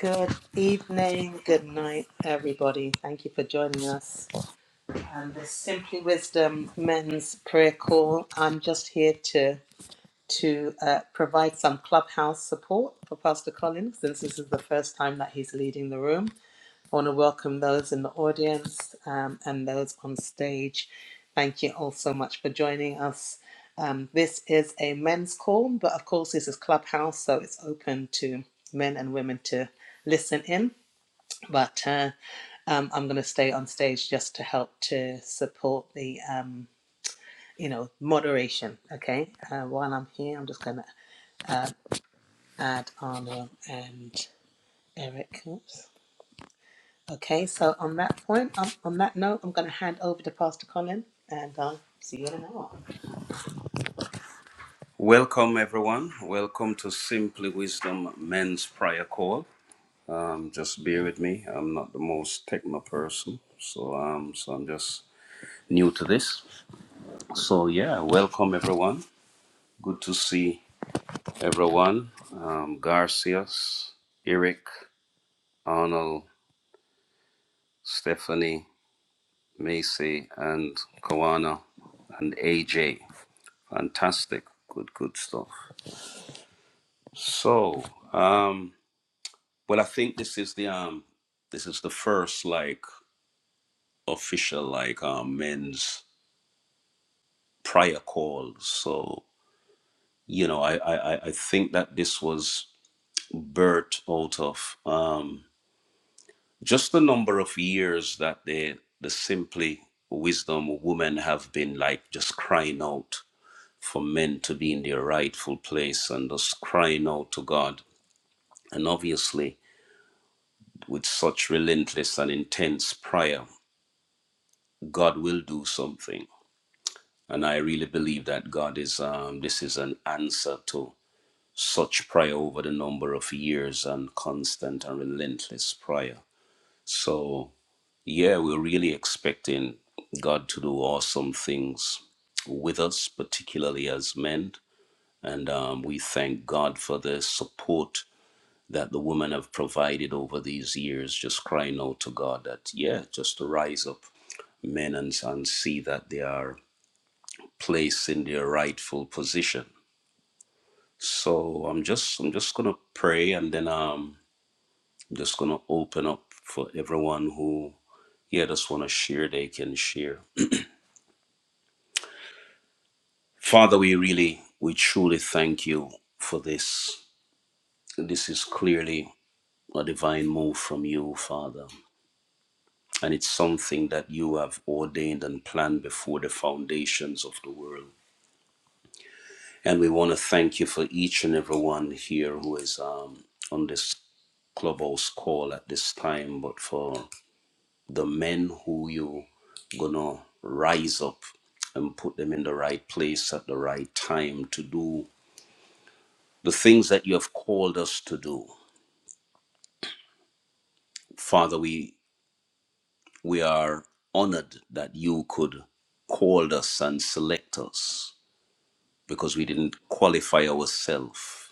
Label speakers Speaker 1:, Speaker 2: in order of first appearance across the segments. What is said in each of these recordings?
Speaker 1: Good evening, good night, everybody. Thank you for joining us on the Simply Wisdom Men's Prayer Call. I'm just here to to uh, provide some clubhouse support for Pastor Collins, since this is the first time that he's leading the room. I want to welcome those in the audience um, and those on stage. Thank you all so much for joining us. Um, this is a men's call, but of course, this is Clubhouse, so it's open to men and women to listen in but uh, um, I'm going to stay on stage just to help to support the, um, you know, moderation. Okay. Uh, while I'm here, I'm just going to uh, add Arnold and Eric. Oops. Okay. So on that point, um, on that note, I'm going to hand over to Pastor Colin and I'll see you in an hour. Welcome, everyone. Welcome to Simply Wisdom Men's Prayer Call. Um, just bear with me. I'm not the most techno person, so um, so I'm just new to this. So, yeah, welcome everyone. Good to see everyone. Um, Garcias, Eric, Arnold, Stephanie, Macy, and Kawana, and AJ. Fantastic. Good, good stuff. So, um, well, I think this is the um, this is the first like official like um, men's prior call. So, you know, I, I I I think that this was birthed out of. Um, just the number of years that the the simply wisdom women have been like just crying out for men to be in their rightful place and just crying out to God. And obviously, with such relentless and intense prayer, God will do something. And I really believe that God is um, this is an answer to such prayer over the number of years and constant and relentless prayer. So Yeah, we're really expecting God to do awesome things with us, particularly as men. And um, we thank God for the support that the women have provided over these years, just crying out to God that, yeah, just to rise up men and, and see that they are placed in their rightful position. So I'm just I'm just gonna pray and then um, I'm just gonna open up for everyone who yeah just wanna share they can share. Father, we really, we truly thank you for this. This is clearly a divine move from you, Father. And it's something that you have ordained and planned before the foundations of the world. And we want to thank you for each and every one here who is um, on this clubhouse call at this time, but for the men who you gonna rise up and put them in the right place at the right time to do the things that you have called us to do. Father, we we are honored that you could call us and select us because we didn't qualify ourselves.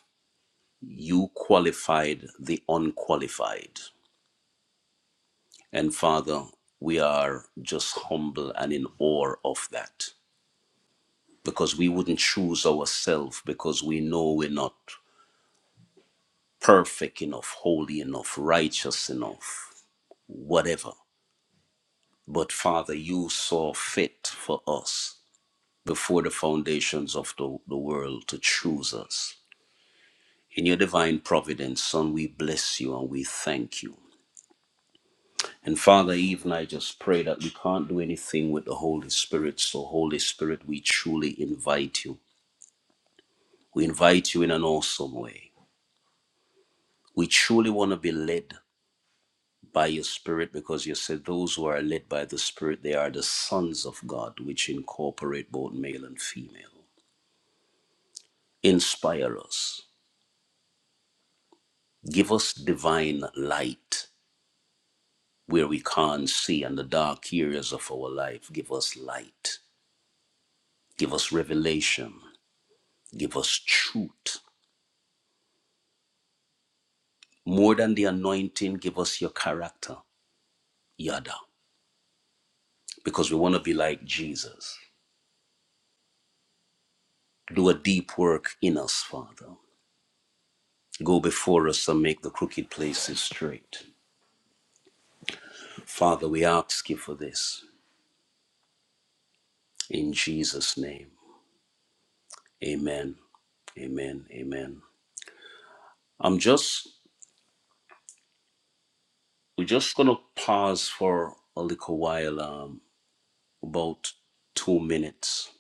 Speaker 1: You qualified the unqualified. And Father, we are just humble and in awe of that because we wouldn't choose ourselves because we know we're not perfect enough, holy enough, righteous enough, whatever. But Father, you saw fit for us before the foundations of the, the world to choose us. In your divine providence, Son, we bless you and we thank you. And Father, even I just pray that we can't do anything with the Holy Spirit. So, Holy Spirit, we truly invite you. We invite you in an awesome way. We truly want to be led by your Spirit because you said those who are led by the Spirit, they are the sons of God, which incorporate both male and female. Inspire us. Give us divine light where we can't see and the dark areas of our life. Give us light. Give us revelation. Give us truth. More than the anointing, give us your character, Yada, because we want to be like Jesus. Do a deep work in us, Father. Go before us and make the crooked places straight. Father, we ask you for this in Jesus' name. Amen. Amen. Amen. I'm just We're just going to pause for a little while, um, about two minutes.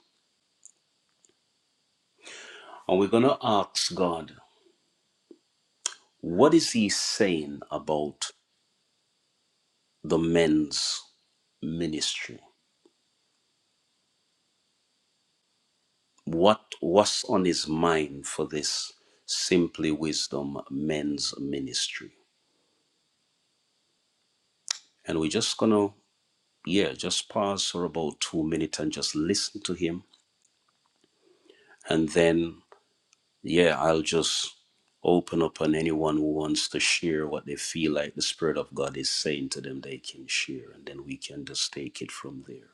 Speaker 1: And we're going to ask God, what is He saying about the men's ministry? What was on His mind for this Simply Wisdom men's ministry? And we're just going to, yeah, just pause for about two minutes and just listen to Him. And then yeah, I'll just open up on anyone who wants to share what they feel like the Spirit of God is saying to them they can share, and then we can just take it from there.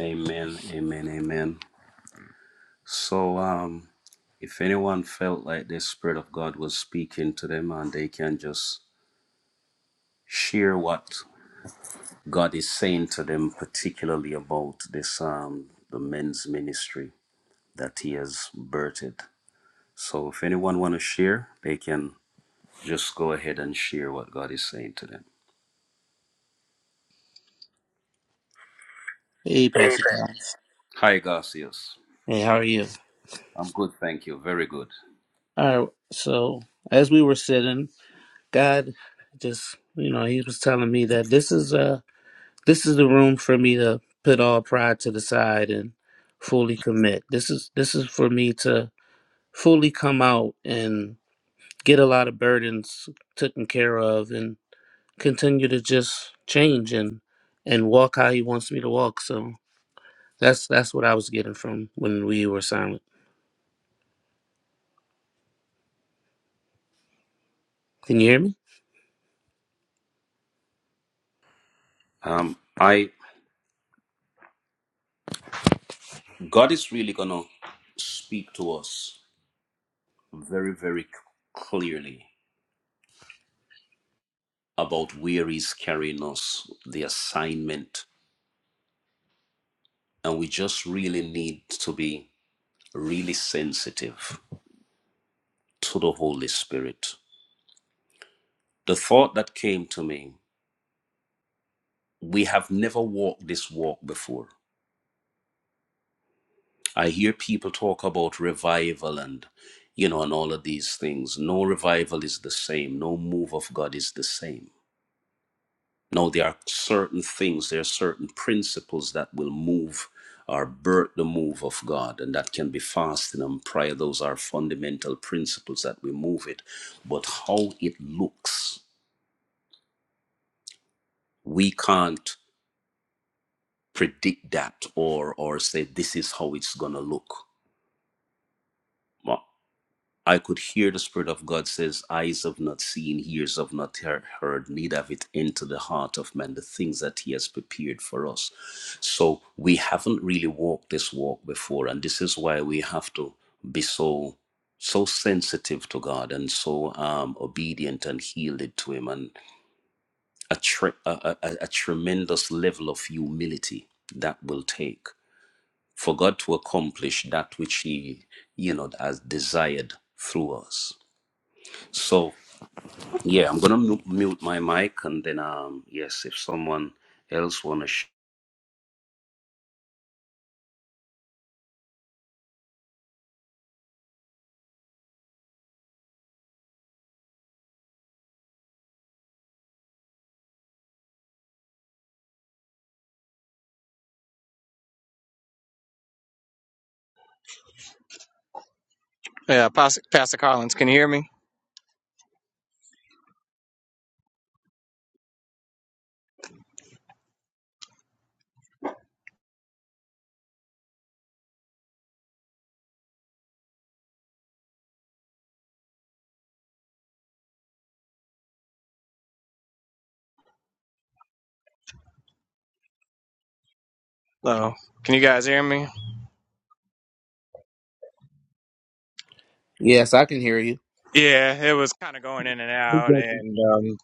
Speaker 1: Amen, amen, amen. So, um, if anyone felt like the Spirit of God was speaking to them and they can just share what God is saying to them, particularly about this, um, the men's ministry that He has birthed. So, if anyone want to share, they can Just go ahead and share what God is saying to them.
Speaker 2: Hey, Pastor Cal.
Speaker 1: Hi, Garcias.
Speaker 2: Hey, how are you?
Speaker 1: I'm good, thank you. Very good.
Speaker 2: All right. So, as we were sitting, God just, you know, He was telling me that this is uh this is the room for me to put all pride to the side and fully commit. This is this is for me to fully come out and get a lot of burdens taken care of and continue to just change and and walk how He wants me to walk. So that's that's what I was getting from when we were silent. Can you hear me?
Speaker 1: Um, I God is really gonna speak to us very, very c- clearly about where He's carrying us, the assignment, and we just really need to be really sensitive to the Holy Spirit. The thought that came to me: we have never walked this walk before. I hear people talk about revival and you know and all of these things. No revival is the same. No move of God is the same. No, there are certain things, there are certain principles that will move or birth the move of God, and that can be fasting and prayer. Those are fundamental principles that we move it. But how it looks, we can't predict that or or say this is how it's gonna look. Well, I could hear the Spirit of God says, Eyes have not seen, ears have not he- heard, neither have it into the heart of man, the things that He has prepared for us. So we haven't really walked this walk before, and this is why we have to be so so sensitive to God and so um, obedient and yielded to Him, and a, tre- a, a a tremendous level of humility that will take for God to accomplish that which He, you know, has desired through us. So yeah, I'm gonna mu- mute my mic, and then um, yes, if someone else wanna, sh-
Speaker 3: Yeah, Pastor, Pastor Collins, can you hear me? Hello. Can you guys hear me?
Speaker 2: Yes, I can hear you.
Speaker 3: Yeah, it was kind of going in and out,
Speaker 4: Exactly.
Speaker 3: and um,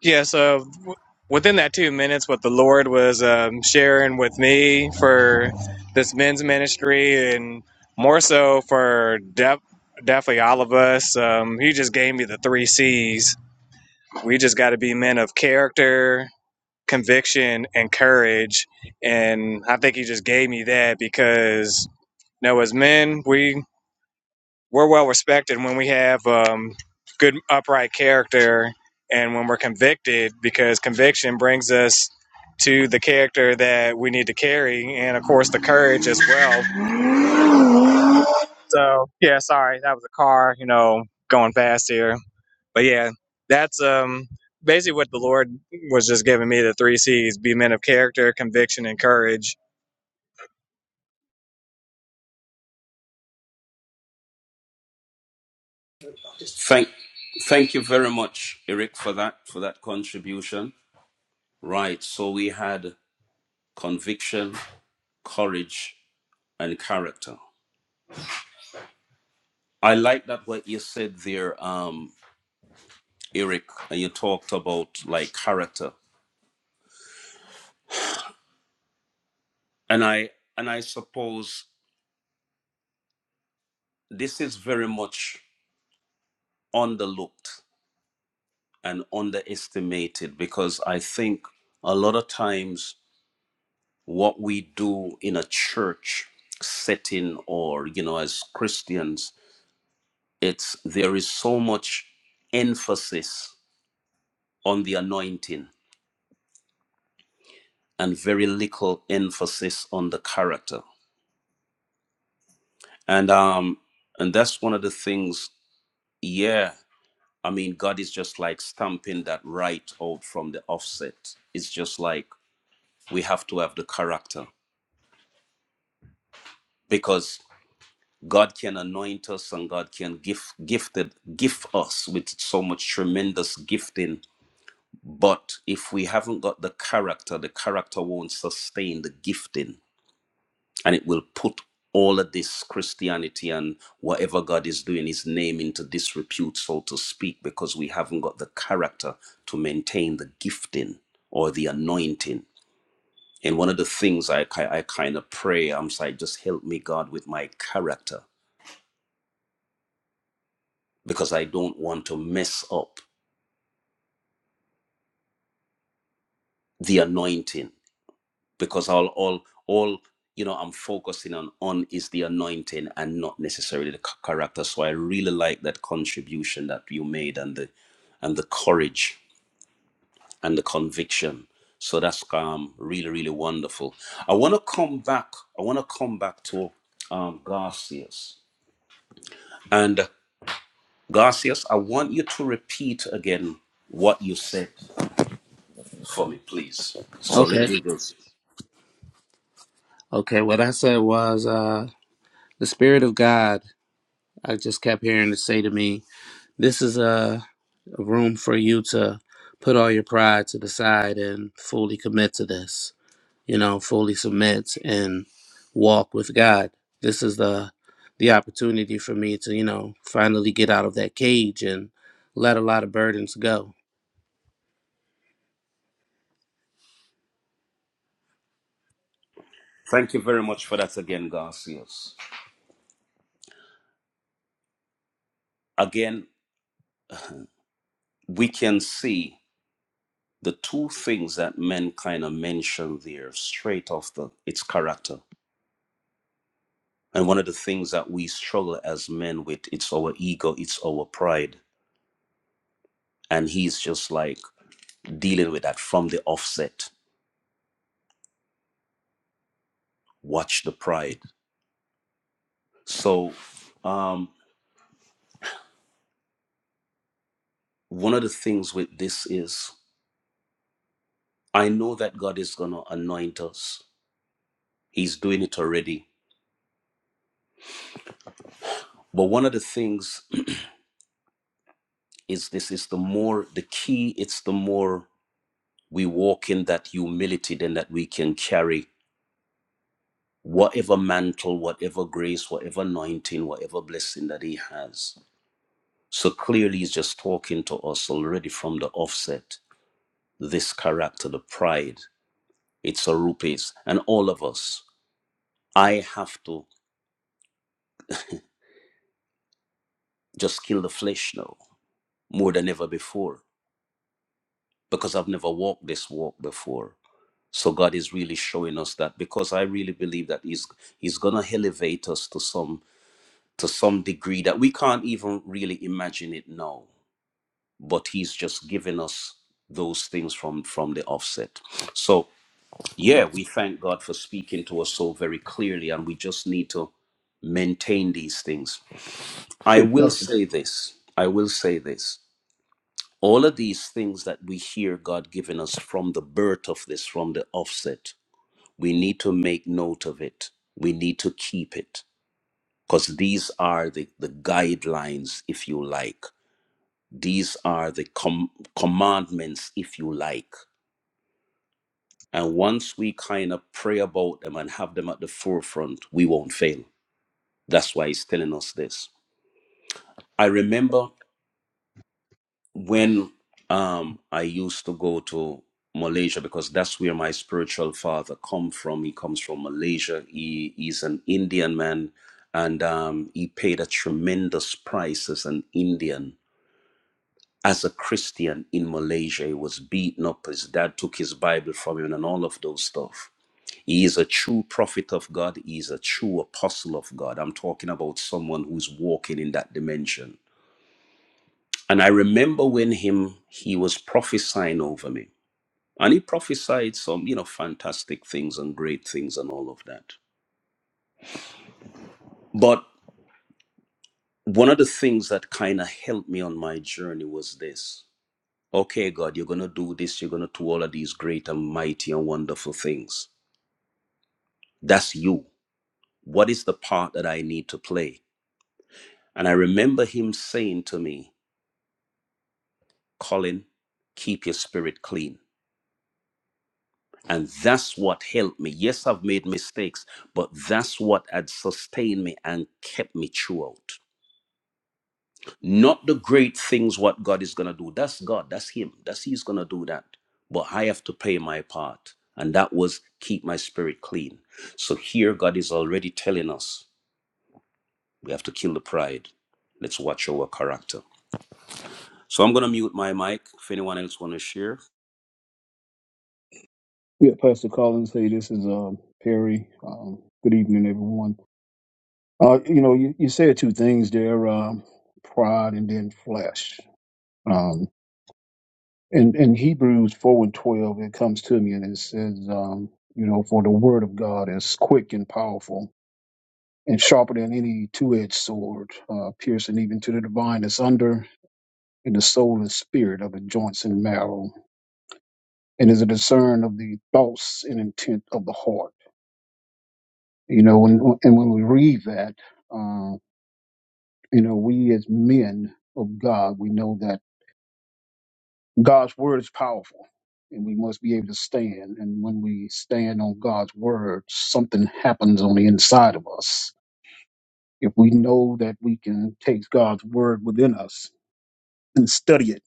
Speaker 3: yeah. So w- within that two minutes, what the Lord was um, sharing with me for this men's ministry, and more so for def- definitely all of us, um, He just gave me the three C's. We just got to be men of character, conviction, and courage, and I think He just gave me that because. Now, as men, we we're well respected when we have um, good upright character and when we're convicted because conviction brings us to the character that we need to carry and of course the courage as well so yeah sorry that was a car you know going fast here but yeah that's um basically what the lord was just giving me the three c's be men of character conviction and courage
Speaker 1: thank, thank you very much, Eric, for that for that contribution. Right. So we had conviction, courage, and character. I like that what you said there, um, Eric, and you talked about like character, and I and I suppose this is very much underlooked and underestimated because I think a lot of times what we do in a church setting or you know as Christians it's there is so much emphasis on the anointing and very little emphasis on the character and um and that's one of the things yeah I mean God is just like stamping that right out from the offset it's just like we have to have the character because. God can anoint us and God can gift gifted gift us with so much tremendous gifting. But if we haven't got the character, the character won't sustain the gifting and it will put all of this Christianity and whatever God is doing his name into disrepute, so to speak, because we haven't got the character to maintain the gifting or the anointing. And one of the things I, ki- I kind of pray, I'm like, just help me, God, with my character because I don't want to mess up the anointing because all all all you know I'm focusing on on is the anointing and not necessarily the ch- character so I really like that contribution that you made and the and the courage and the conviction so that's um really really wonderful I want to come back I want to come back to um Garcias and Garcias I want you to repeat again what you said for me please so let
Speaker 2: Okay.
Speaker 1: me go
Speaker 2: Okay, what I said was uh the spirit of God. I just kept hearing it say to me, this is a, a room for you to put all your pride to the side and fully commit to this. You know, fully submit and walk with God. This is the the opportunity for me to, you know, finally get out of that cage and let a lot of burdens go.
Speaker 1: Thank you very much for that again, Garcias. Again, we can see the two things that men kind of mention there straight off the its character. And one of the things that we struggle as men with, it's our ego, it's our pride. And he's just like dealing with that from the offset. Watch the pride. So um one of the things with this is I know that God is gonna anoint us. He's doing it already. But one of the things is this is the more the key it's the more we walk in that humility then that we can carry whatever mantle whatever grace whatever anointing whatever blessing that he has so clearly he's just talking to us already from the offset this character the pride it's a rupees and all of us i have to just kill the flesh now more than ever before because i've never walked this walk before So God is really showing us that because I really believe that He's He's gonna elevate us to some to some degree that we can't even really imagine it now. But He's just giving us those things from from the offset. So yeah, we thank God for speaking to us so very clearly, and we just need to maintain these things. I
Speaker 4: Oh,
Speaker 1: will
Speaker 4: Pastor.
Speaker 1: say this. I will say this. All of these things that we hear God giving us from the birth of this, from the offset, we need to make note of it. We need to keep it because these are the, the guidelines, if you like. These are the com- commandments, if you like. And once we kind of pray about them and have them at the forefront, we won't fail. That's why he's telling us this. I remember when um I used to go to Malaysia because that's where my spiritual father come from. He comes from Malaysia. He he's an Indian man, and um, he paid a tremendous price as an Indian. As a Christian in Malaysia, he was beaten up. His dad took his Bible from him and all of those stuff. He is a true prophet of God. He is a true apostle of God. I'm talking about someone who's walking in that dimension and I remember when him he was prophesying over me. And he prophesied some, you know, fantastic things and great things and all of that. But one of the things that kind of helped me on my journey was this. Okay, God, you're going to do this. You're going to do all of these great and mighty and wonderful things. That's you. What is the part that I need to play? And I remember him saying to me, Colin, keep your spirit clean. And that's what helped me. Yes, I've made mistakes, but that's what had sustained me and kept me throughout. Not the great things what God is going to do. That's God. That's Him. That's He's going to do that. But I have to play my part. And that was keep my spirit clean. So here, God is already telling us we have to kill the pride. Let's watch our character. So I'm going to mute my mic if anyone else want to share.
Speaker 4: Yeah, Pastor Collins. Hey, this is um, Perry. Um, good evening, everyone. Uh, you know, you, you said two things there: um, pride and then flesh. Um, and in in Hebrews four and twelve, it comes to me and it says, um, you know, for the word of God is quick and powerful and sharper than any two-edged sword, uh, piercing even to the divine that's under and the soul and spirit of the joints and marrow, and is a discern of the thoughts and intent of the heart You know, when, and when we read that, uh, you know, we as men of God, we know that God's word is powerful and we must be able to stand. And when we stand on God's word, something happens on the inside of us. If we know that we can take God's word within us and study it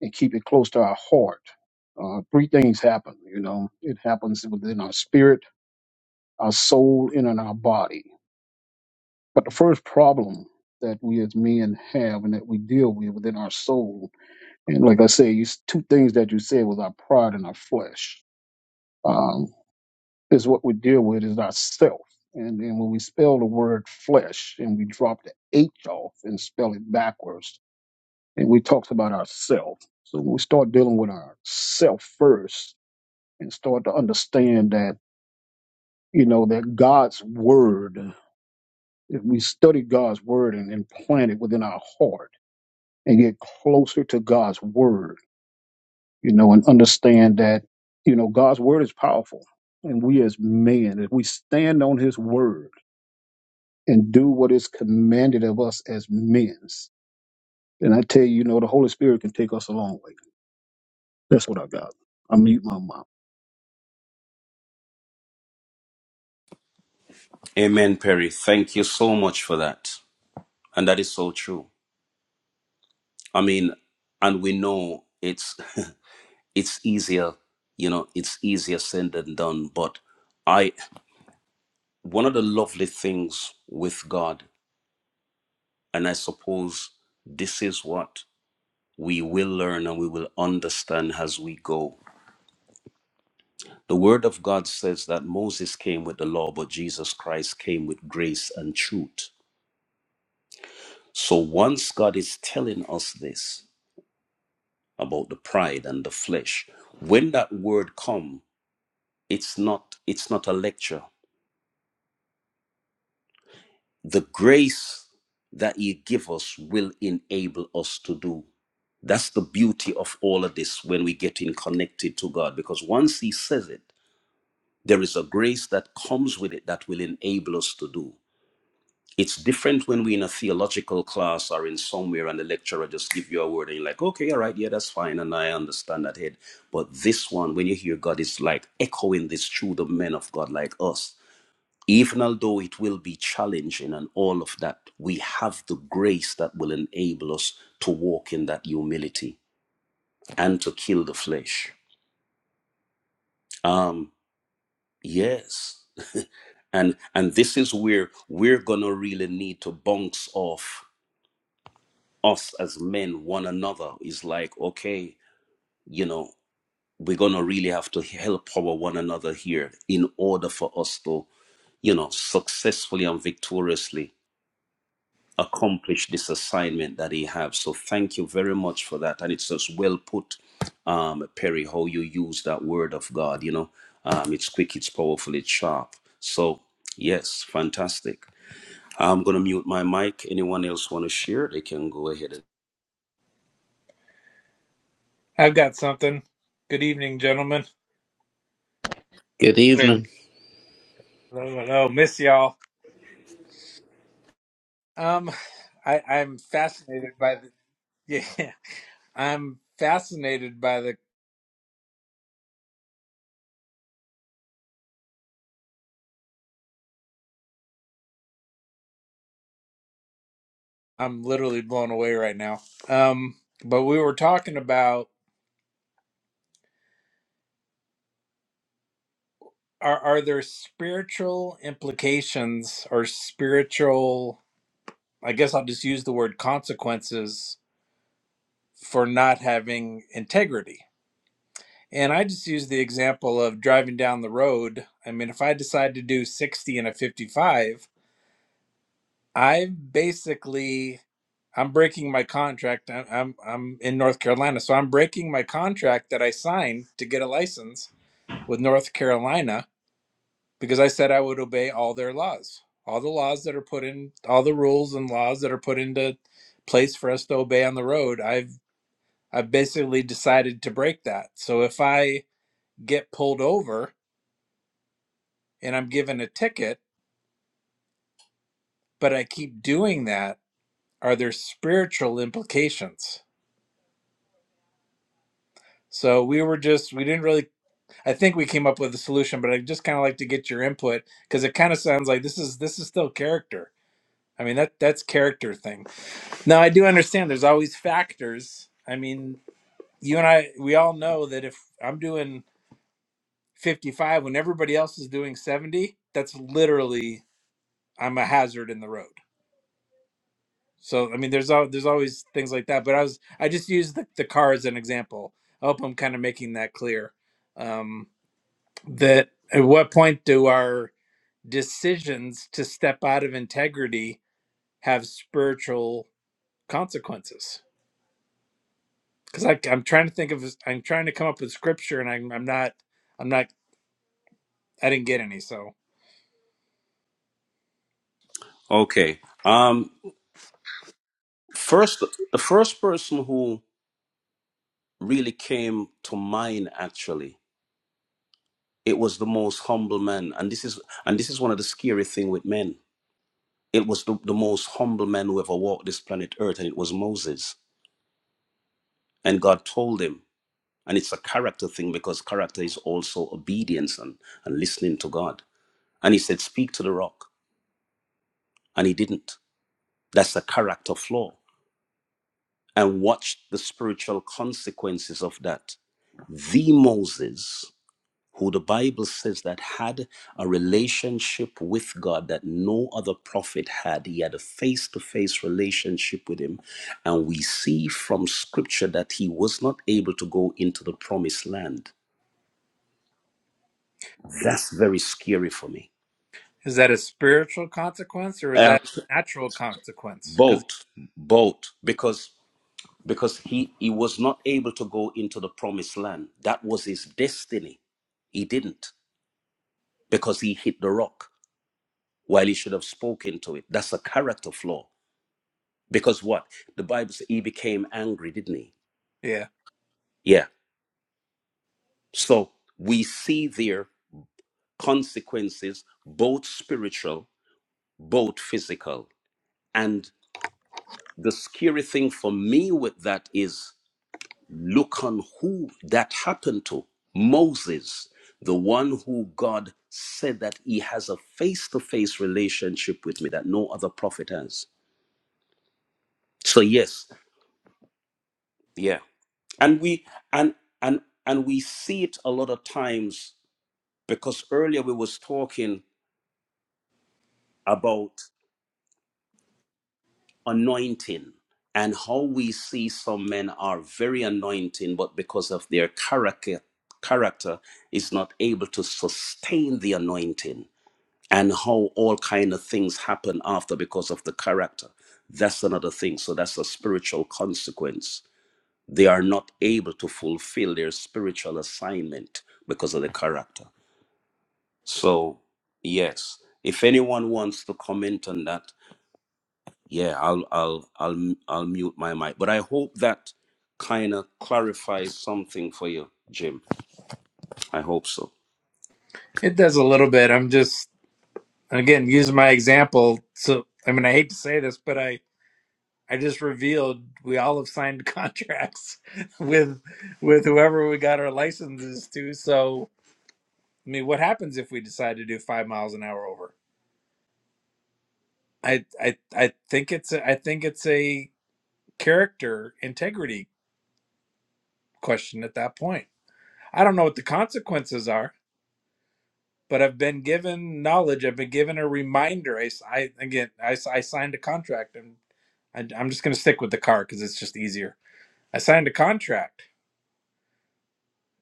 Speaker 4: and keep it close to our heart, uh, three things happen. You know, it happens within our spirit, our soul, and in our body But the first problem that we as men have and that we deal with within our soul, and like I say, you, s- two things that you said was our pride and our flesh. Um, is what we deal with is ourself. And then when we spell the word flesh and we drop the H off and spell it backwards, and we talked about ourself. So when we start dealing with ourself first and start to understand that, you know, that God's word, if we study God's word and implant it within our heart and get closer to God's word, you know, and understand that, you know, God's word is powerful. And we as men, if we stand on his word and do what is commanded of us as men, then I tell you, you know, the Holy Spirit can take us a long way. That's what I got. I mute my mouth.
Speaker 1: Amen, Perry. Thank you so much for that. And that is so true. I mean, and we know it's it's easier, you know, it's easier said than done. But I, one of the lovely things with God, and I suppose this is what we will learn and we will understand as we go. The Word of God says that Moses came with the law, but Jesus Christ came with grace and truth. So once God is telling us this about the pride and the flesh, when that word come. It's not it's not a lecture. The grace that you give us will enable us to do. That's the beauty of all of this when we get in connected to God because once he says it, there is a grace that comes with it that will enable us to do. It's different when we're in a theological class or in somewhere and the lecturer just give you a word and you're like, okay, all right, yeah, that's fine. And I understand that head. But this one, when you hear God, it's like echoing this through the men of God like us. even although it will be challenging and all of that, we have the grace that will enable us to walk in that humility and to kill the flesh. Um, yes. And and this is where we're gonna really need to bounce off us as men, one another. Is like, okay, you know, we're gonna really have to help our one another here in order for us to, you know, successfully and victoriously accomplish this assignment that he have. So thank you very much for that. And it's just well put, um, Perry, how you use that word of God. You know, um, it's quick, it's powerful, it's sharp. So yes, fantastic. I'm gonna mute my mic. Anyone else want to share? They can go ahead. And...
Speaker 5: I've got something. Good evening, gentlemen.
Speaker 2: Good
Speaker 3: and
Speaker 2: evening.
Speaker 5: Oh, hello. Miss y'all. Um, I, I'm fascinated by the. Yeah, I'm fascinated by the. I'm literally blown away right now. Um, but we were talking about are are there spiritual implications or spiritual? I guess I'll just use the word consequences for not having integrity And I just use the example of driving down the road. I mean, if I decide to do 60 and a 55, I basically I'm breaking my contract. I- I'm I'm in North Carolina, so I'm breaking my contract that I signed to get a license with North Carolina because I said I would obey all their laws, all the laws that are put in, all the rules and laws that are put into place for us to obey on the road. I've I've basically decided to break that. So if I get pulled over, and I'm given a ticket, but I keep doing that, are there spiritual implications? So we were just, we didn't really, I think we came up with a solution, but I just kind of like to get your input because it kind of sounds like this is, this is still character. I mean, that that's character thing. Now I do understand there's always factors. I mean, you and I, we all know that if I'm doing 55 when everybody else is doing 70, that's literally, I'm a hazard in the road So I mean, there's al- there's always things like that. But I was I just used the, the car as an example. I hope I'm kind of making that clear. Um, that at what point do our decisions to step out of integrity have spiritual consequences? Because I'm trying to think of I'm trying to come up with scripture, and I'm I'm not I'm not I didn't get any. So
Speaker 1: Okay. Um, first, the first person who really came to mind actually, it was the most humble man, and this is and this is one of the scary thing with men It was the, the most humble man who ever walked this planet Earth, and it was Moses. And God told him, and it's a character thing because character is also obedience and, and listening to God. And he said, Speak to the rock. And he didn't. That's a character flaw. And watch the spiritual consequences of that. The Moses who the Bible says that had a relationship with God that no other prophet had. He had a face to face relationship with Him. And we see from Scripture that he was not able to go into the promised land. That's very scary for me.
Speaker 5: is that a spiritual consequence or is that
Speaker 1: Abs-
Speaker 5: a natural consequence? Because
Speaker 1: Both, both, because because he he was not able to go into the promised land. That was his destiny. He didn't because he hit the rock while he should have spoken to it. That's a character flaw. Because what? The Bible says he became angry, didn't he?
Speaker 5: yeah,
Speaker 1: Yeah. So we see there consequences, both spiritual, both physical. And the scary thing for me with that is look on who that happened to Moses, the one who God said that he has a face to face relationship with me that no other prophet has. So, yes, yeah. And we, and, and, and we see it a lot of times because earlier we was talking about anointing and how we see some men are very anointing but because of their character character is not able to sustain the anointing and how all kind of things happen after because of the character that's another thing so that's a spiritual consequence they are not able to fulfill their spiritual assignment because of the character so yes if anyone wants to comment on that yeah i'll i'll i'll i'll mute my mic but i hope that kind of clarifies something for you jim i hope so
Speaker 5: it does a little bit. I'm just again, use my example. So, I mean, I hate to say this, but I I just revealed we all have signed contracts with with whoever we got our licenses to. So, I mean, what happens if we decide to do five miles an hour over? I I I think it's a, I think it's a character integrity question at that point. I don't know what the consequences are, but I've been given knowledge. I've been given a reminder. I, s- I- again, I, s- I signed a contract, and I, I'm just going to stick with the car because it's just easier. I signed a contract.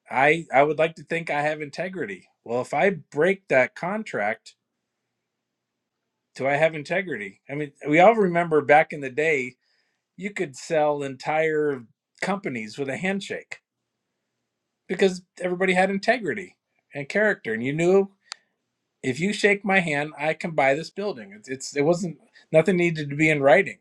Speaker 5: I I would like to think I have integrity. Well, if I break that contract, do I have integrity? I mean, we all remember back in the day, you could sell entire companies with a handshake because everybody had integrity and character, and you knew if you shake my hand, I can buy this building. It's, it's it wasn't nothing needed to be in writing.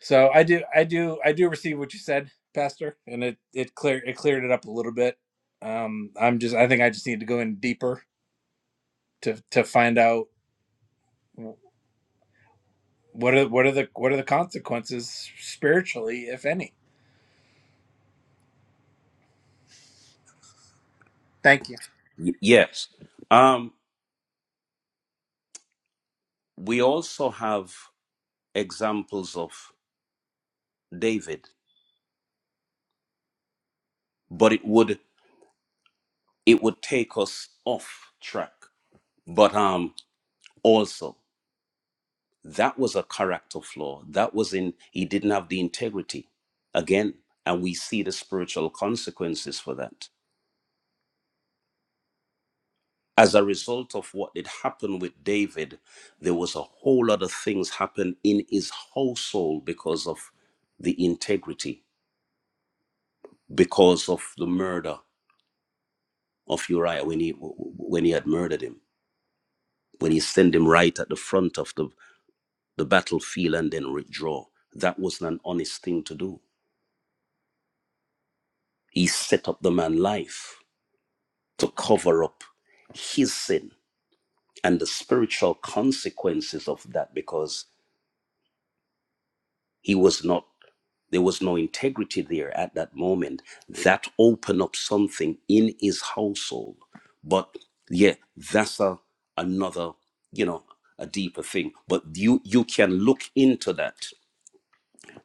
Speaker 5: So I do, I do, I do receive what you said, Pastor, and it it clear it cleared it up a little bit. Um, I'm just, I think I just need to go in deeper to to find out wh- what are what are the what are the consequences spiritually, if any. Thank you.
Speaker 1: y- yes um we also have examples of david but it would it would take us off track but um also that was a character flaw that was in he didn't have the integrity again and we see the spiritual consequences for that as a result of what did happen with David, there was a whole lot of things happen in his household because of the integrity, because of the murder of Uriah when he when he had murdered him, when he sent him right at the front of the, the battlefield and then withdraw. That wasn't an honest thing to do. He set up the man life to cover up his sin and the spiritual consequences of that because He was not, there was no integrity there at that moment. That opened up something in his household. But yeah, that's a another, you know, a deeper thing. But you you can look into that.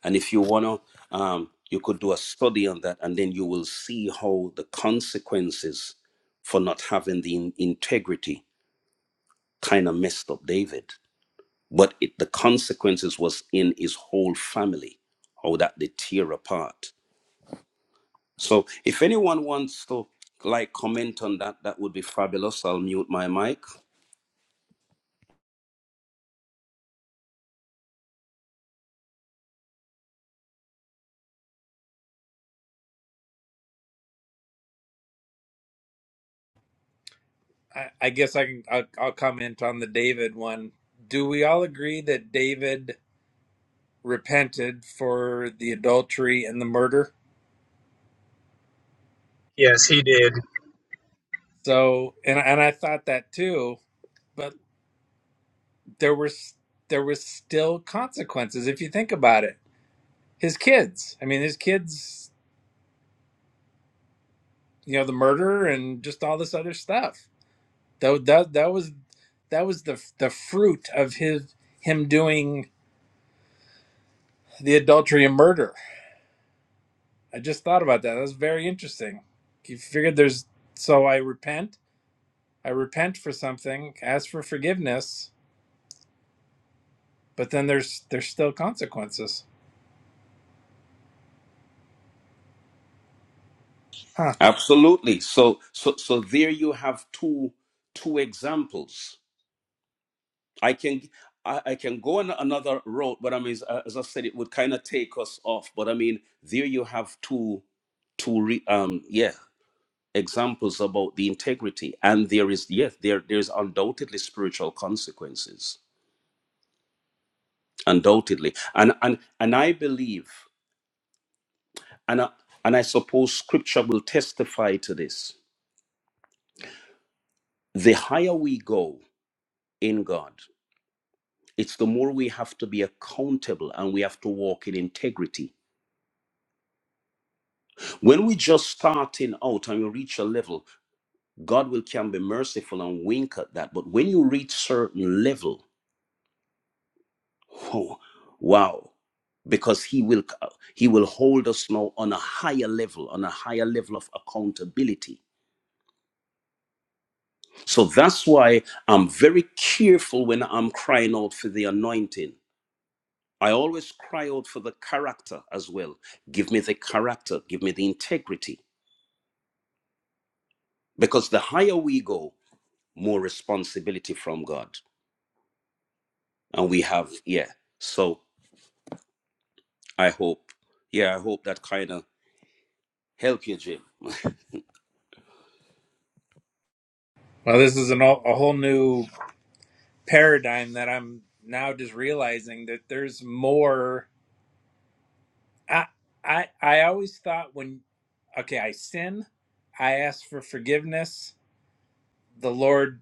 Speaker 1: And if you wanna um you could do a study on that and then you will see how the consequences for not having the in- integrity kind of messed up David but it, the consequences was in his whole family how that they tear apart so if anyone wants to like comment on that that would be fabulous i'll mute my mic
Speaker 5: I, I guess I can I'll, I'll comment on the David one. Do we all agree that David repented for the adultery and the murder?
Speaker 3: yes he did
Speaker 5: So, and and I thought that too. but. there were there was still consequences if you think about it. His kids, I mean, his kids, you know, the murder and just all this other stuff. That that, that was that was the the fruit of his him doing the adultery and murder. I just thought about that. That was very interesting. You figured there's so I repent. I repent for something, ask for forgiveness, but then there's there's still consequences. Huh.
Speaker 1: absolutely so so so there you have two two examples i can I, I can go on another road, but I mean, as, as I said, it would kind of take us off. But I mean, there you have two, two, re, um, yeah. examples about the integrity and there is yes there there's undoubtedly spiritual consequences undoubtedly and and and i believe and I, and i suppose scripture will testify to this the higher we go in god it's the more we have to be accountable and we have to walk in integrity when we just starting out and you reach a level god will can be merciful and wink at that but when you reach certain level Oh, wow. Because he will he will hold us now on a higher level, on a higher level of accountability. So that's why I'm very careful when I'm crying out for the anointing. I always cry out for the character as well. Give me the character, give me the integrity. Because the higher we go, more responsibility from God. And we have, yeah. So I hope, yeah, I hope that kind of help you, Jim.
Speaker 5: Well, this is an, a whole new paradigm that I'm now just realizing that there's more. I I I always thought when okay, I sin, I ask for forgiveness. The Lord,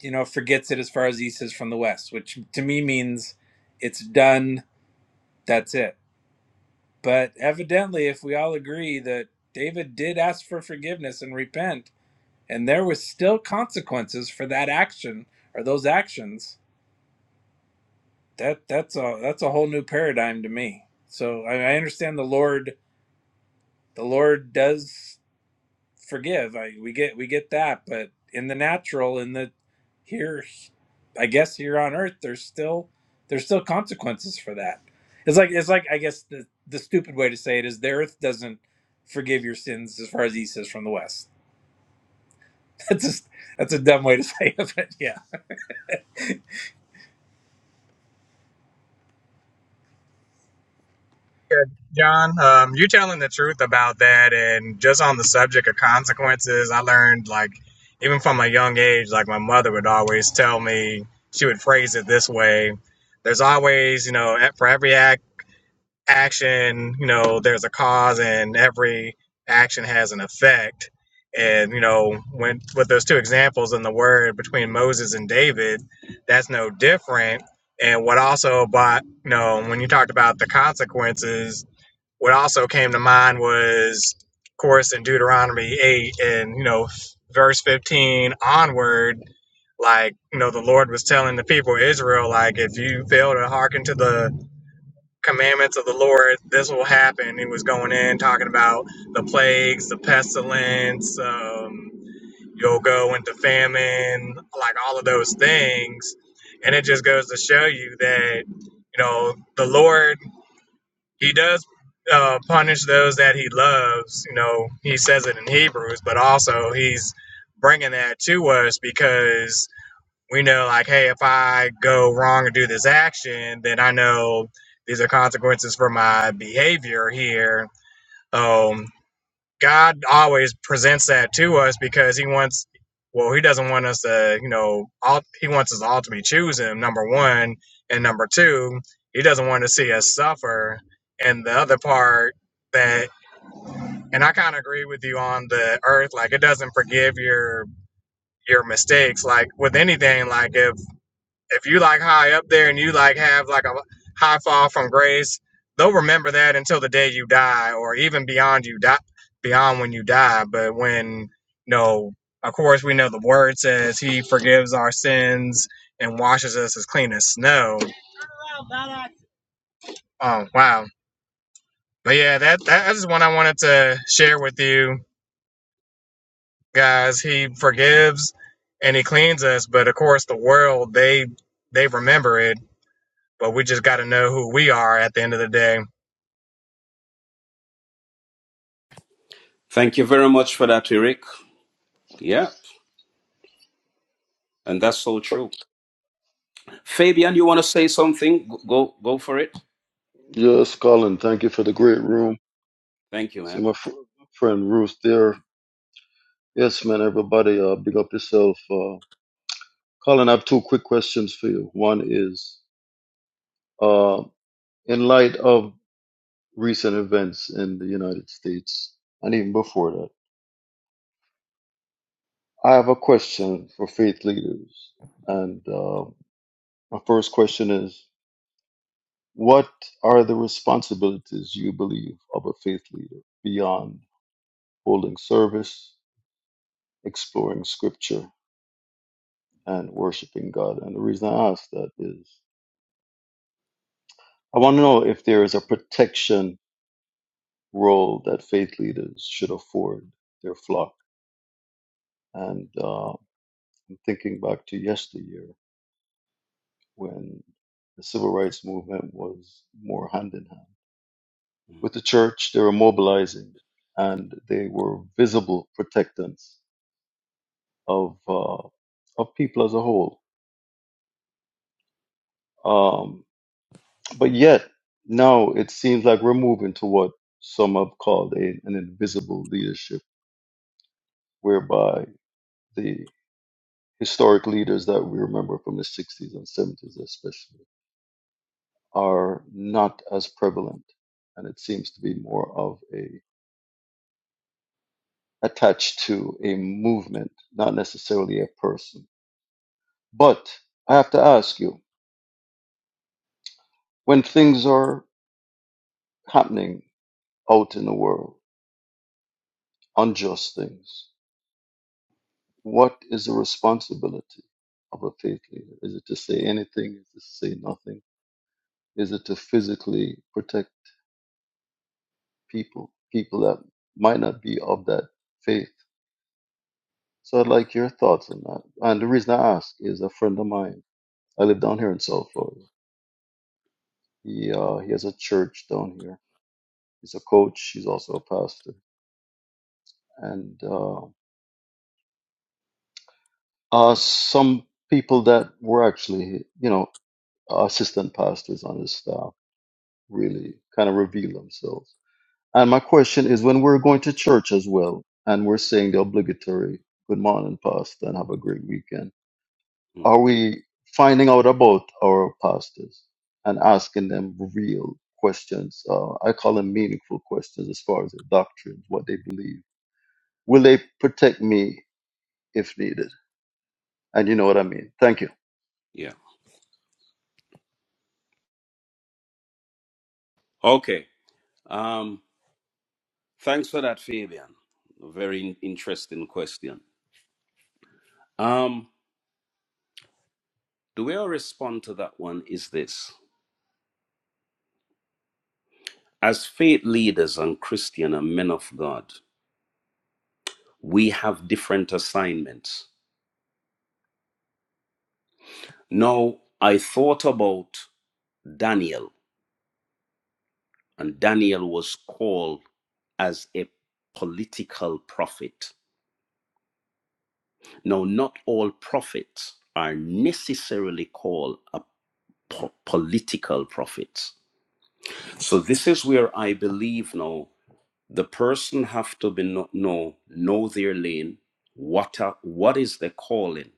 Speaker 5: you know, forgets it as far as East is from the West, which to me means it's done. That's it. But evidently, if we all agree that David did ask for forgiveness and repent, and there was still consequences for that action or those actions, that that's a that's a whole new paradigm to me. So I, I understand the Lord the Lord does forgive. I, we get we get that, but in the natural, in the here, I guess here on Earth, there's still there's still consequences for that. It's like it's like I guess the the stupid way to say it is the Earth doesn't forgive your sins as far as East is from the West. That's just that's a dumb way to say it, but yeah.
Speaker 3: Good. John, um, you telling the truth about that, and just on the subject of consequences, I learned like even from a young age, like my mother would always tell me, she would phrase it this way: "There's always, you know, a- for every act, action, you know, there's a cause, and every action has an effect." And you know, when with those two examples in the word between Moses and David, that's no different. And what also, but you know, when you talked about the consequences what also came to mind was, of course, in Deuteronomy 8 and, you know, verse 15 onward, like, you know, the Lord was telling the people of Israel, like, if you fail to hearken to the commandments of the Lord, this will happen. He was going in talking about the plagues, the pestilence, um, you'll go into famine, like all of those things. And it just goes to show you that, you know, the Lord he does uh, punish those that he loves. You know, he says it in Hebrews, but also he's bringing that to us because we know, like, hey, if I go wrong and do this action, then I know these are consequences for my behavior here. Um, God always presents that to us because he wants well, he doesn't want us to, you know, all, he wants us all to ultimately choose him, number one. And number two, he doesn't want to see us suffer. And the other part that, and I kind of agree with you on the earth, like it doesn't forgive your, your mistakes. Like with anything, like if if you like high up there and you like have like a high fall from grace, they'll remember that until the day you die, or even beyond you die, beyond when you die. But when you know, of course, we know the word says He forgives our sins and washes us as clean as snow. Oh wow! But yeah, that that's one I wanted to share with you guys. He forgives and He cleans us, but of course, the world they they remember it. But we just got to know who we are at the end of the day
Speaker 1: Thank you very much for that, Eric. Yeah, and that's so true. Fabian, you want to say something? Go go go for it.
Speaker 6: Yes, Colin, thank you for the great room.
Speaker 1: Thank you,
Speaker 6: See
Speaker 1: man.
Speaker 6: my fr- friend Ruth there. Yes, man, everybody, uh, big up yourself. Uh, Colin, I have two quick questions for you. One is, uh, in light of recent events in the United States, and even before that, I have a question for faith leaders. And uh, my first question is, what are the responsibilities you believe of a faith leader beyond holding service, exploring scripture? and worshiping God. And the reason I ask that is I want to know if there is a protection role that faith leaders should afford their flock. And uh, I'm thinking back to yesteryear when the civil rights movement was more hand in hand
Speaker 1: Mm,
Speaker 6: with the church. They were mobilizing, and they were visible protectants of uh, of people as a whole. Um, But yet, now it seems like we're moving to what some have called a, an invisible leadership, whereby the historic leaders that we remember from the 60s and 70s, especially, are not as prevalent. And it seems to be more of a attached to a movement, not necessarily a person. But I have to ask you, when things are happening out in the world, unjust things, What is the responsibility of a faith leader? Is it to say anything? Is it to say nothing? Is it to physically protect people, people that might not be of that faith? So I'd like your thoughts on that. And the reason I ask is a friend of mine. I live down here in South Florida. He uh, he has a church down here. He's a coach. He's also a pastor. And uh, uh, some people that were actually, you know, assistant pastors on his staff really kind of reveal themselves And my question is when we're going to church as well, and we're saying the obligatory good morning, Pastor, and have a great weekend,
Speaker 1: mm,
Speaker 6: are we finding out about our pastors and asking them real questions? Uh, I call them meaningful questions as far as their doctrines, what they believe. Will they protect me if needed? And you know what I mean. Thank you.
Speaker 1: Yeah. Okay. Um, thanks for that, Fabian. A very in- interesting question. Um, the way I respond to that one is this As faith leaders and Christian and men of God, we have different assignments. Now, I thought about Daniel And Daniel was called as a political prophet. Now, not all prophets are necessarily called a po- political prophets. So this is where I believe now the person have to be know know, know their lane. What are, what is the calling,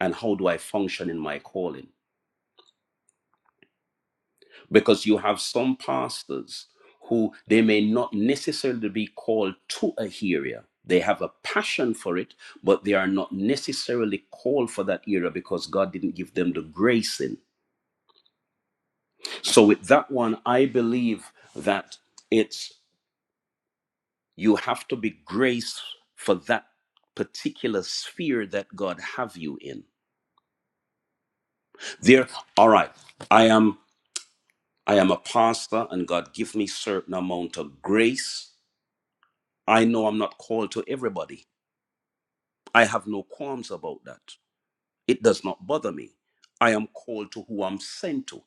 Speaker 1: and how do I function in my calling? because you have some pastors who they may not necessarily be called to a area they have a passion for it but they are not necessarily called for that area because god didn't give them the grace in so with that one i believe that it's you have to be graced for that particular sphere that god have you in there all right i am i am a pastor and god give me certain amount of grace I know I'm not called to everybody. I have no qualms about that. It does not bother me. I am called to who I'm sent to.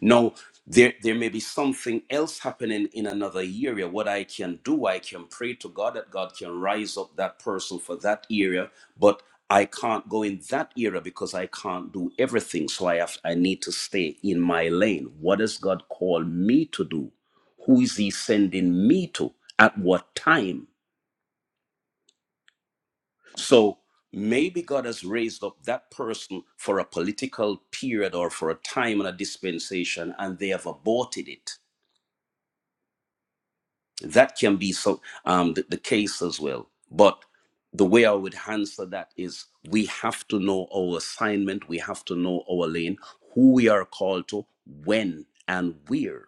Speaker 1: Now, there, there may be something else happening in another area. What I can do, I can pray to God that God can rise up that person for that area, but I can't go in that area because I can't do everything. So I have I need to stay in my lane. What has God called me to do? Who is He sending me to? At what time? So maybe God has raised up that person for a political period or for a time and a dispensation, and they have aborted it. That can be so um, the, the case as well. But the way I would answer that is we have to know our assignment, we have to know our lane, who we are called to, when and where.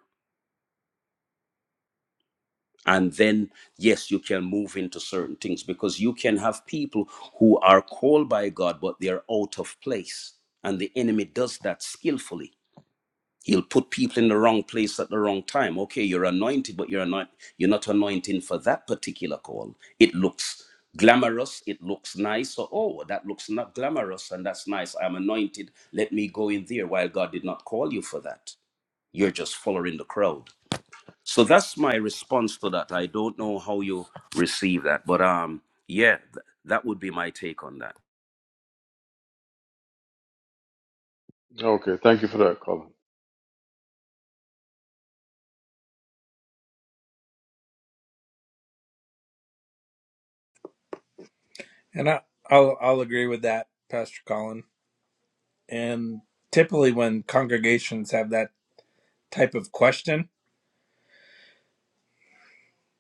Speaker 1: and then yes you can move into certain things because you can have people who are called by god but they're out of place and the enemy does that skillfully he'll put people in the wrong place at the wrong time okay you're anointed but you're not you're not anointing for that particular call it looks glamorous it looks nice so oh that looks not glamorous and that's nice i'm anointed let me go in there while god did not call you for that you're just following the crowd so that's my response to that. I don't know how you receive that, but um, yeah, th- that would be my take on that.
Speaker 6: Okay, thank you for that, Colin.
Speaker 5: And I I'll I'll agree with that, Pastor Colin. And typically, when congregations have that type of question,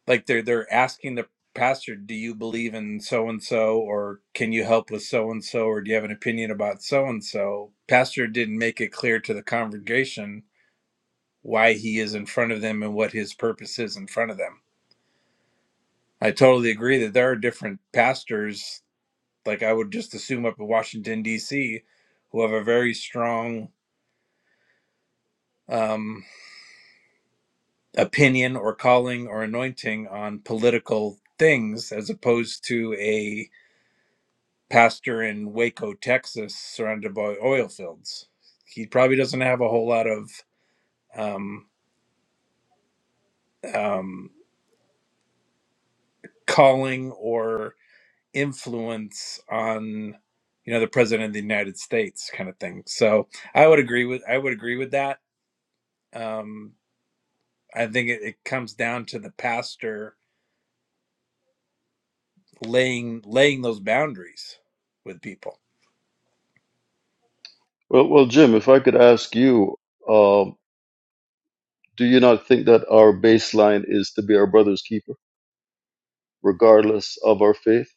Speaker 5: like they're they're asking the pastor, "Do you believe in so and so, or can you help with so and so, or do you have an opinion about so and so?" Pastor didn't make it clear to the congregation why he is in front of them and what his purpose is in front of them. I totally agree that there are different pastors, like I would just assume up in Washington D.C., who have a very strong um opinion or calling or anointing on political things as opposed to a pastor in Waco, Texas, surrounded by oil fields. He probably doesn't have a whole lot of um, um, calling or influence on you know the president of the United States kind of thing. So I would agree with I would agree with that. Um, I think it, it comes down to the pastor laying laying those boundaries with people.
Speaker 6: Well, well, Jim, if I could ask you, um, do you not think that our baseline is to be our brother's keeper? regardless of our faith.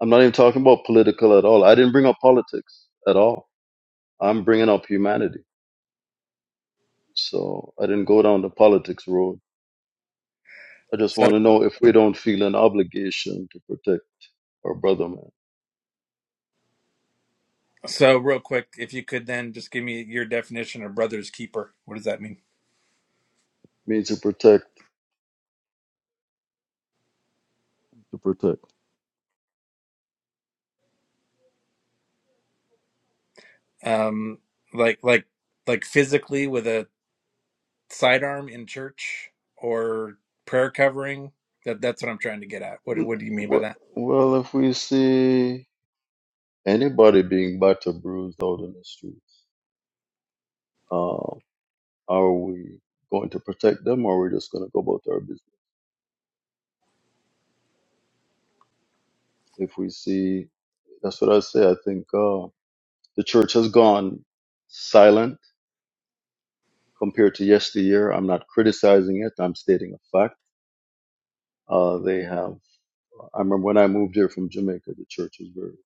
Speaker 6: I'm not even talking about political at all. I didn't bring up politics at all. I'm bringing up humanity. So I didn't go down the politics road. I just
Speaker 5: So.
Speaker 6: want to know if we don't feel an obligation to protect our brother, man.
Speaker 5: So, real quick, if you could then just give me your definition of brother's keeper. What does that mean?
Speaker 6: Means to protect. To protect.
Speaker 5: Um, like, like, like physically with a sidearm in church or prayer covering. That that's what I'm trying to get at. What
Speaker 6: N-
Speaker 5: what do you mean by
Speaker 6: we-
Speaker 5: that?
Speaker 6: Well, if we see anybody being battered, bruised out in the streets, uh, are we going to protect them or are we just going to go about our business? If we see that's what I say. I think. Uh, The church has gone silent compared to yesteryear. I'm not criticizing it. I'm stating a fact. Uh, they have. I remember when I moved here from Jamaica, the church was very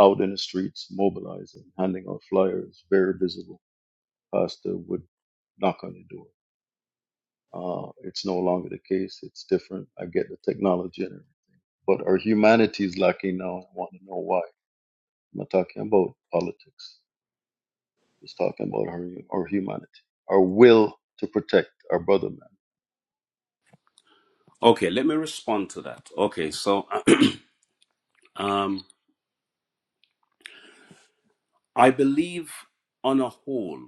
Speaker 6: out in the streets, mobilizing, handing out flyers, very visible. Pastor would knock on the door. Uh, it's no longer the case. It's different. I get the technology, in it, but our humanity is lacking now. I want to know why. I'm not talking about politics. Just talking about our, our humanity, our will to protect our brother man.
Speaker 1: Okay, let me respond to that. Okay, so um, I believe on a whole,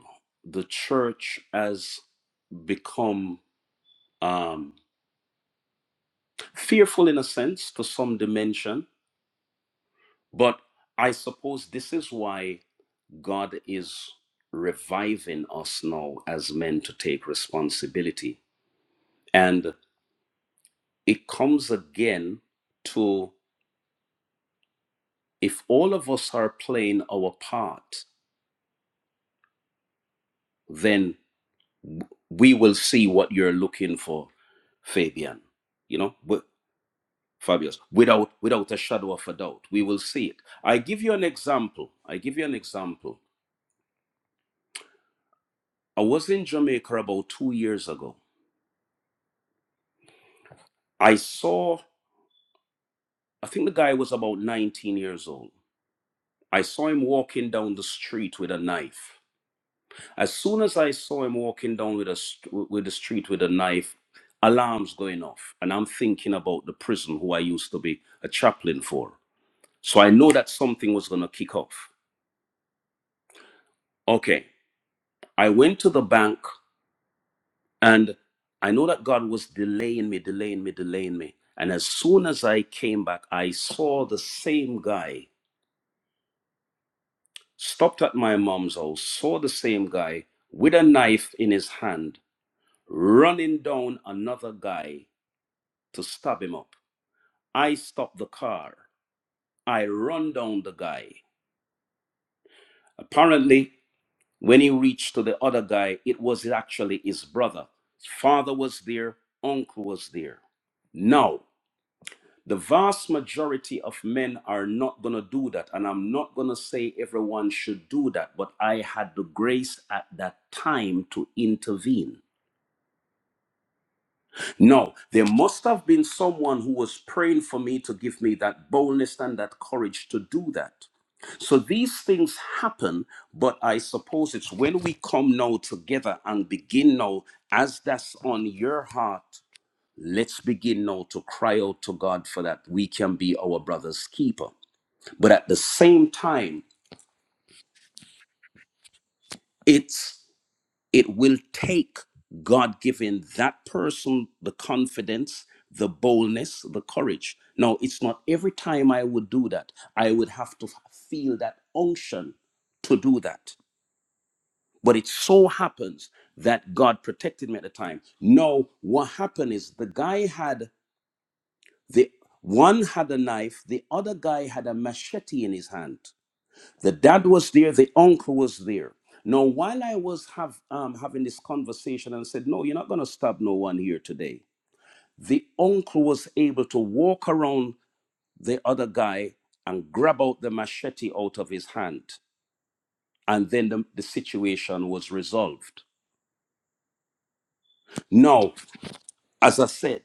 Speaker 1: the church has become um, fearful in a sense to some dimension, but I suppose this is why God is reviving us now as men to take responsibility. and. it comes again to if all of us are playing our part, then we will see what you're looking for, Fabian. You know, wi- Fabius, without without a shadow of a doubt, we will see it. I give you an example. I give you an example. I was in Jamaica about two years ago. I saw, I think the guy was about 19 years old. I saw him walking down the street with a knife. As soon as I saw him walking down with a st- with the street with a knife, alarms going off, and I'm thinking about the prison who I used to be a chaplain for. So I know that something was gonna kick off. Okay, I went to the bank, and I know that God was delaying me, delaying me, delaying me. And as soon as I came back, I saw the same guy stopped at my mom's house, saw the same guy with a knife in his hand running down another guy to stab him up. I stopped the car. I run down the guy. Apparently, when he reached to the other guy, it was actually his brother. His Father was there, uncle was there. Now, the vast majority of men are not going to do that. And I'm not going to say everyone should do that, but I had the grace at that time to intervene. No, there must have been someone who was praying for me to give me that boldness and that courage to do that. So these things happen, but I suppose it's when we come now together and begin now, as that's on your heart, let's begin now to cry out to God for that we can be our brother's keeper. But at the same time, it's it will take God giving that person the confidence, the boldness, the courage. Now, it's not every time I would do that. I would have to feel that unction to do that. But it so happens that God protected me at the time. No, what happened is the guy had the one had a knife, the other guy had a machete in his hand. The dad was there, the uncle was there. Now, while I was have, um, having this conversation and said, No, you're not going to stab no one here today, the uncle was able to walk around the other guy and grab out the machete out of his hand. And then the, the situation was resolved. Now, as I said,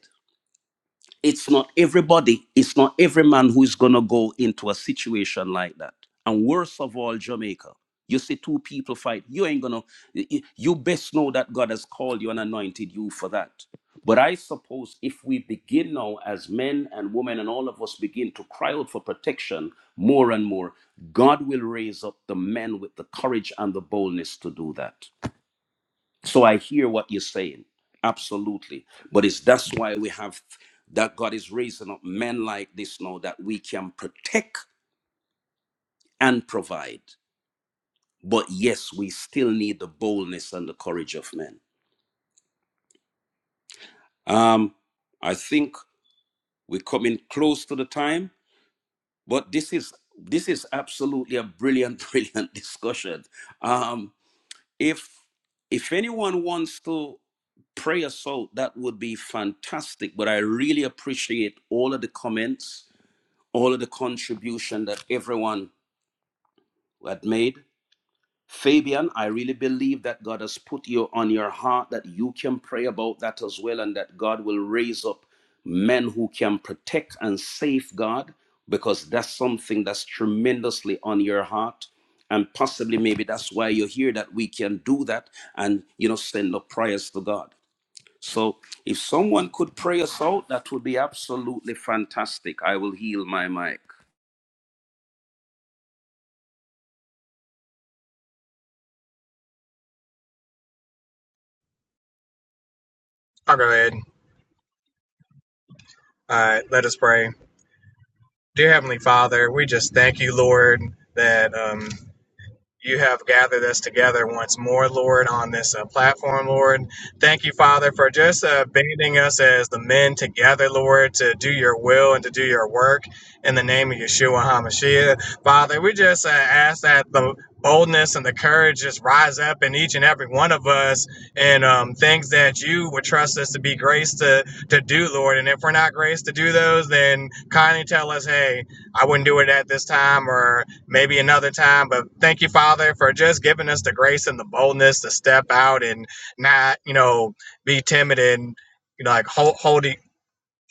Speaker 1: it's not everybody, it's not every man who's gonna go into a situation like that. And worst of all, Jamaica. You see two people fight, you ain't gonna you best know that God has called you and anointed you for that. But I suppose if we begin now as men and women and all of us begin to cry out for protection more and more, God will raise up the men with the courage and the boldness to do that. So I hear what you're saying. Absolutely. But it's that's why we have that God is raising up men like this now that we can protect and provide. But yes, we still need the boldness and the courage of men. Um, I think we're coming close to the time, but this is this is absolutely a brilliant, brilliant discussion. Um, if if anyone wants to pray us out that would be fantastic but i really appreciate all of the comments all of the contribution that everyone had made Fabian, I really believe that God has put you on your heart that you can pray about that as well, and that God will raise up men who can protect and safeguard because that's something that's tremendously on your heart. And possibly, maybe that's why you're here that we can do that and, you know, send up prayers to God. So, if someone could pray us out, that would be absolutely fantastic. I will heal my mic.
Speaker 3: I'll go ahead. All right, let us pray. Dear Heavenly Father, we just thank you, Lord, that um, you have gathered us together once more, Lord, on this uh, platform, Lord. Thank you, Father, for just uh, banding us as the men together, Lord, to do your will and to do your work in the name of Yeshua HaMashiach. Father, we just uh, ask that the boldness and the courage just rise up in each and every one of us and um, things that you would trust us to be graced to, to do, Lord. And if we're not graced to do those, then kindly tell us, hey, I wouldn't do it at this time, or maybe another time. But thank you, Father, for just giving us the grace and the boldness to step out and not, you know, be timid and you know, like hold, hold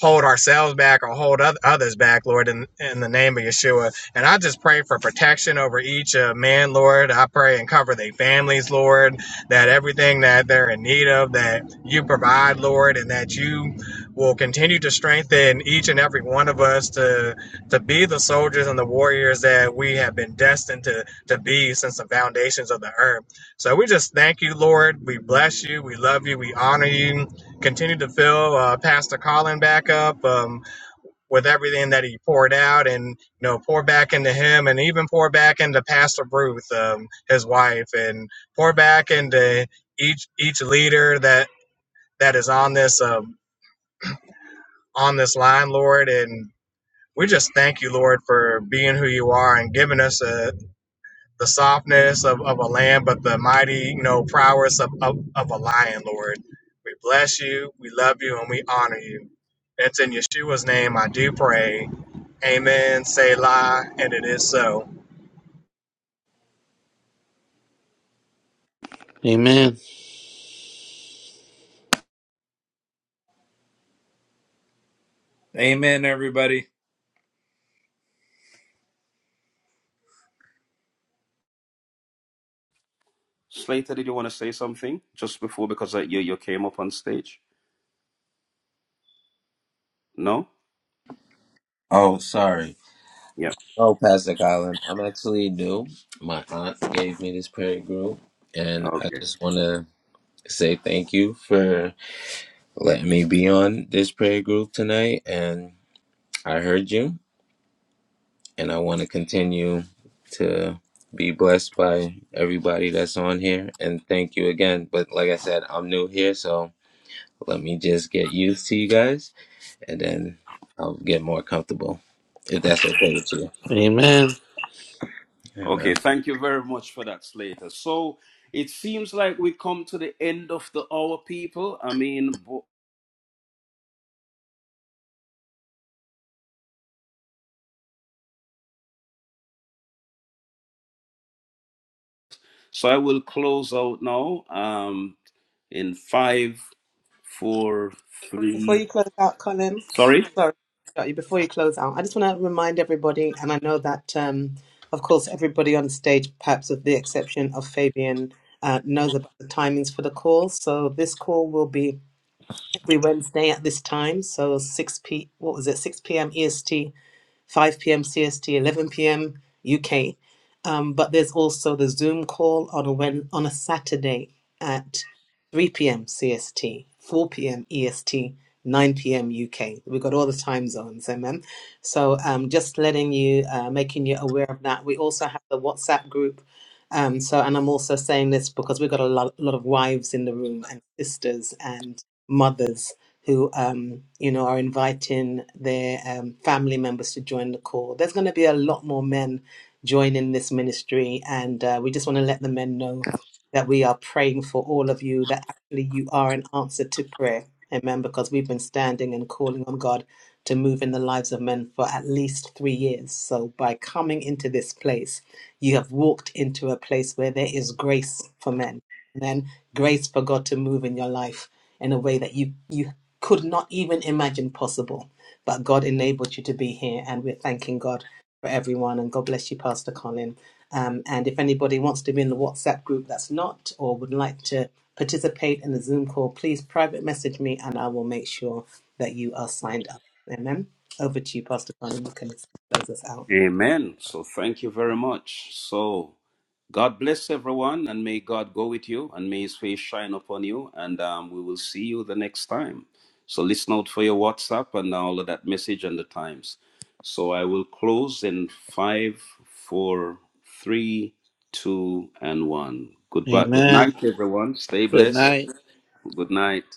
Speaker 3: hold ourselves back or hold others back, Lord, in, in the name of Yeshua. And I just pray for protection over each uh, man, Lord. I pray and cover their families, Lord, that everything that they're in need of, that you provide, Lord, and that you will continue to strengthen each and every one of us to to be the soldiers and the warriors that we have been destined to to be since the foundations of the earth. So we just thank you, Lord. We bless you. We love you. We honor you. Continue to fill uh, Pastor Colin back up um, with everything that he poured out, and you know, pour back into him, and even pour back into Pastor Ruth, um, his wife, and pour back into each each leader that that is on this um, on this line, Lord, and we just thank you, Lord, for being who you are and giving us a the softness of, of a lamb, but the mighty, you know, prowess of, of, of a lion, Lord. We bless you, we love you, and we honor you. It's in Yeshua's name I do pray. Amen, Selah, and it is so.
Speaker 2: Amen.
Speaker 5: Amen, everybody.
Speaker 1: Slater, did you want to say something just before because uh, you, you came up on stage? No?
Speaker 7: Oh, sorry.
Speaker 1: Yeah.
Speaker 7: Oh, Pastor Colin, I'm actually new. My aunt gave me this prayer group, and I
Speaker 1: Okay.
Speaker 7: just want to say thank you for letting me be on this prayer group tonight. And I heard you, and I want to continue to be blessed by everybody that's on here. And thank you again. But like I said, I'm new here, so let me just get used to you guys, and then I'll get more comfortable if that's okay with you.
Speaker 2: Amen.
Speaker 7: Amen.
Speaker 1: Okay. Thank you very much for that, Slater. So it seems like we come to the end of the hour, people. I mean, bo- so I will close out now. Um, in five, four,
Speaker 8: Before
Speaker 1: three.
Speaker 8: you close out, Colin,
Speaker 1: Sorry.
Speaker 8: sorry, got you. Before you close out, I just want to remind everybody, and I know that, um, of course, everybody on stage, perhaps with the exception of Fabian, uh, knows about the timings for the call. So this call will be every Wednesday at this time. So 6 p. What was it? 6 p.m. EST 5 p.m. CST, 11 p.m. UK. Um, but there's also the Zoom call on a Wed on a Saturday at 3 p.m. CST, 4 p.m. EST, 9 p.m. UK. We've got all the time zones, amen. So um, just letting you, uh, making you aware of that. We also have the WhatsApp group. Um, so, and I'm also saying this because we've got a lot, lot of wives in the room and sisters and mothers who um, you know are inviting their um, family members to join the call. There's going to be a lot more men joining this ministry, and uh, we just want to let the men know that we are praying for all of you. That actually you are an answer to prayer, amen. Because we've been standing and calling on God to move in the lives of men for at least three years. So by coming into this place, you have walked into a place where there is grace for men and then grace for God to move in your life in a way that you you could not even imagine possible. But God enabled you to be here, and we're thanking God for everyone. And God bless you, Pastor Colin. Um, and if anybody wants to be in the WhatsApp group that's not, or would like to participate in the Zoom call, please private message me, and I will make sure that you are signed up. Amen. Over to you, Pastor Colin. You can close us out.
Speaker 1: Amen. So thank you very much. So God bless everyone and may God go with you and may his face shine upon you and um, we will see you the next time. So listen out for your WhatsApp and all of that message and the times. So I will close in five, four, three, two, and one. Goodbye. Good
Speaker 2: Amen.
Speaker 1: night, everyone. Stay
Speaker 2: Good
Speaker 1: blessed.
Speaker 2: night.
Speaker 1: Good night.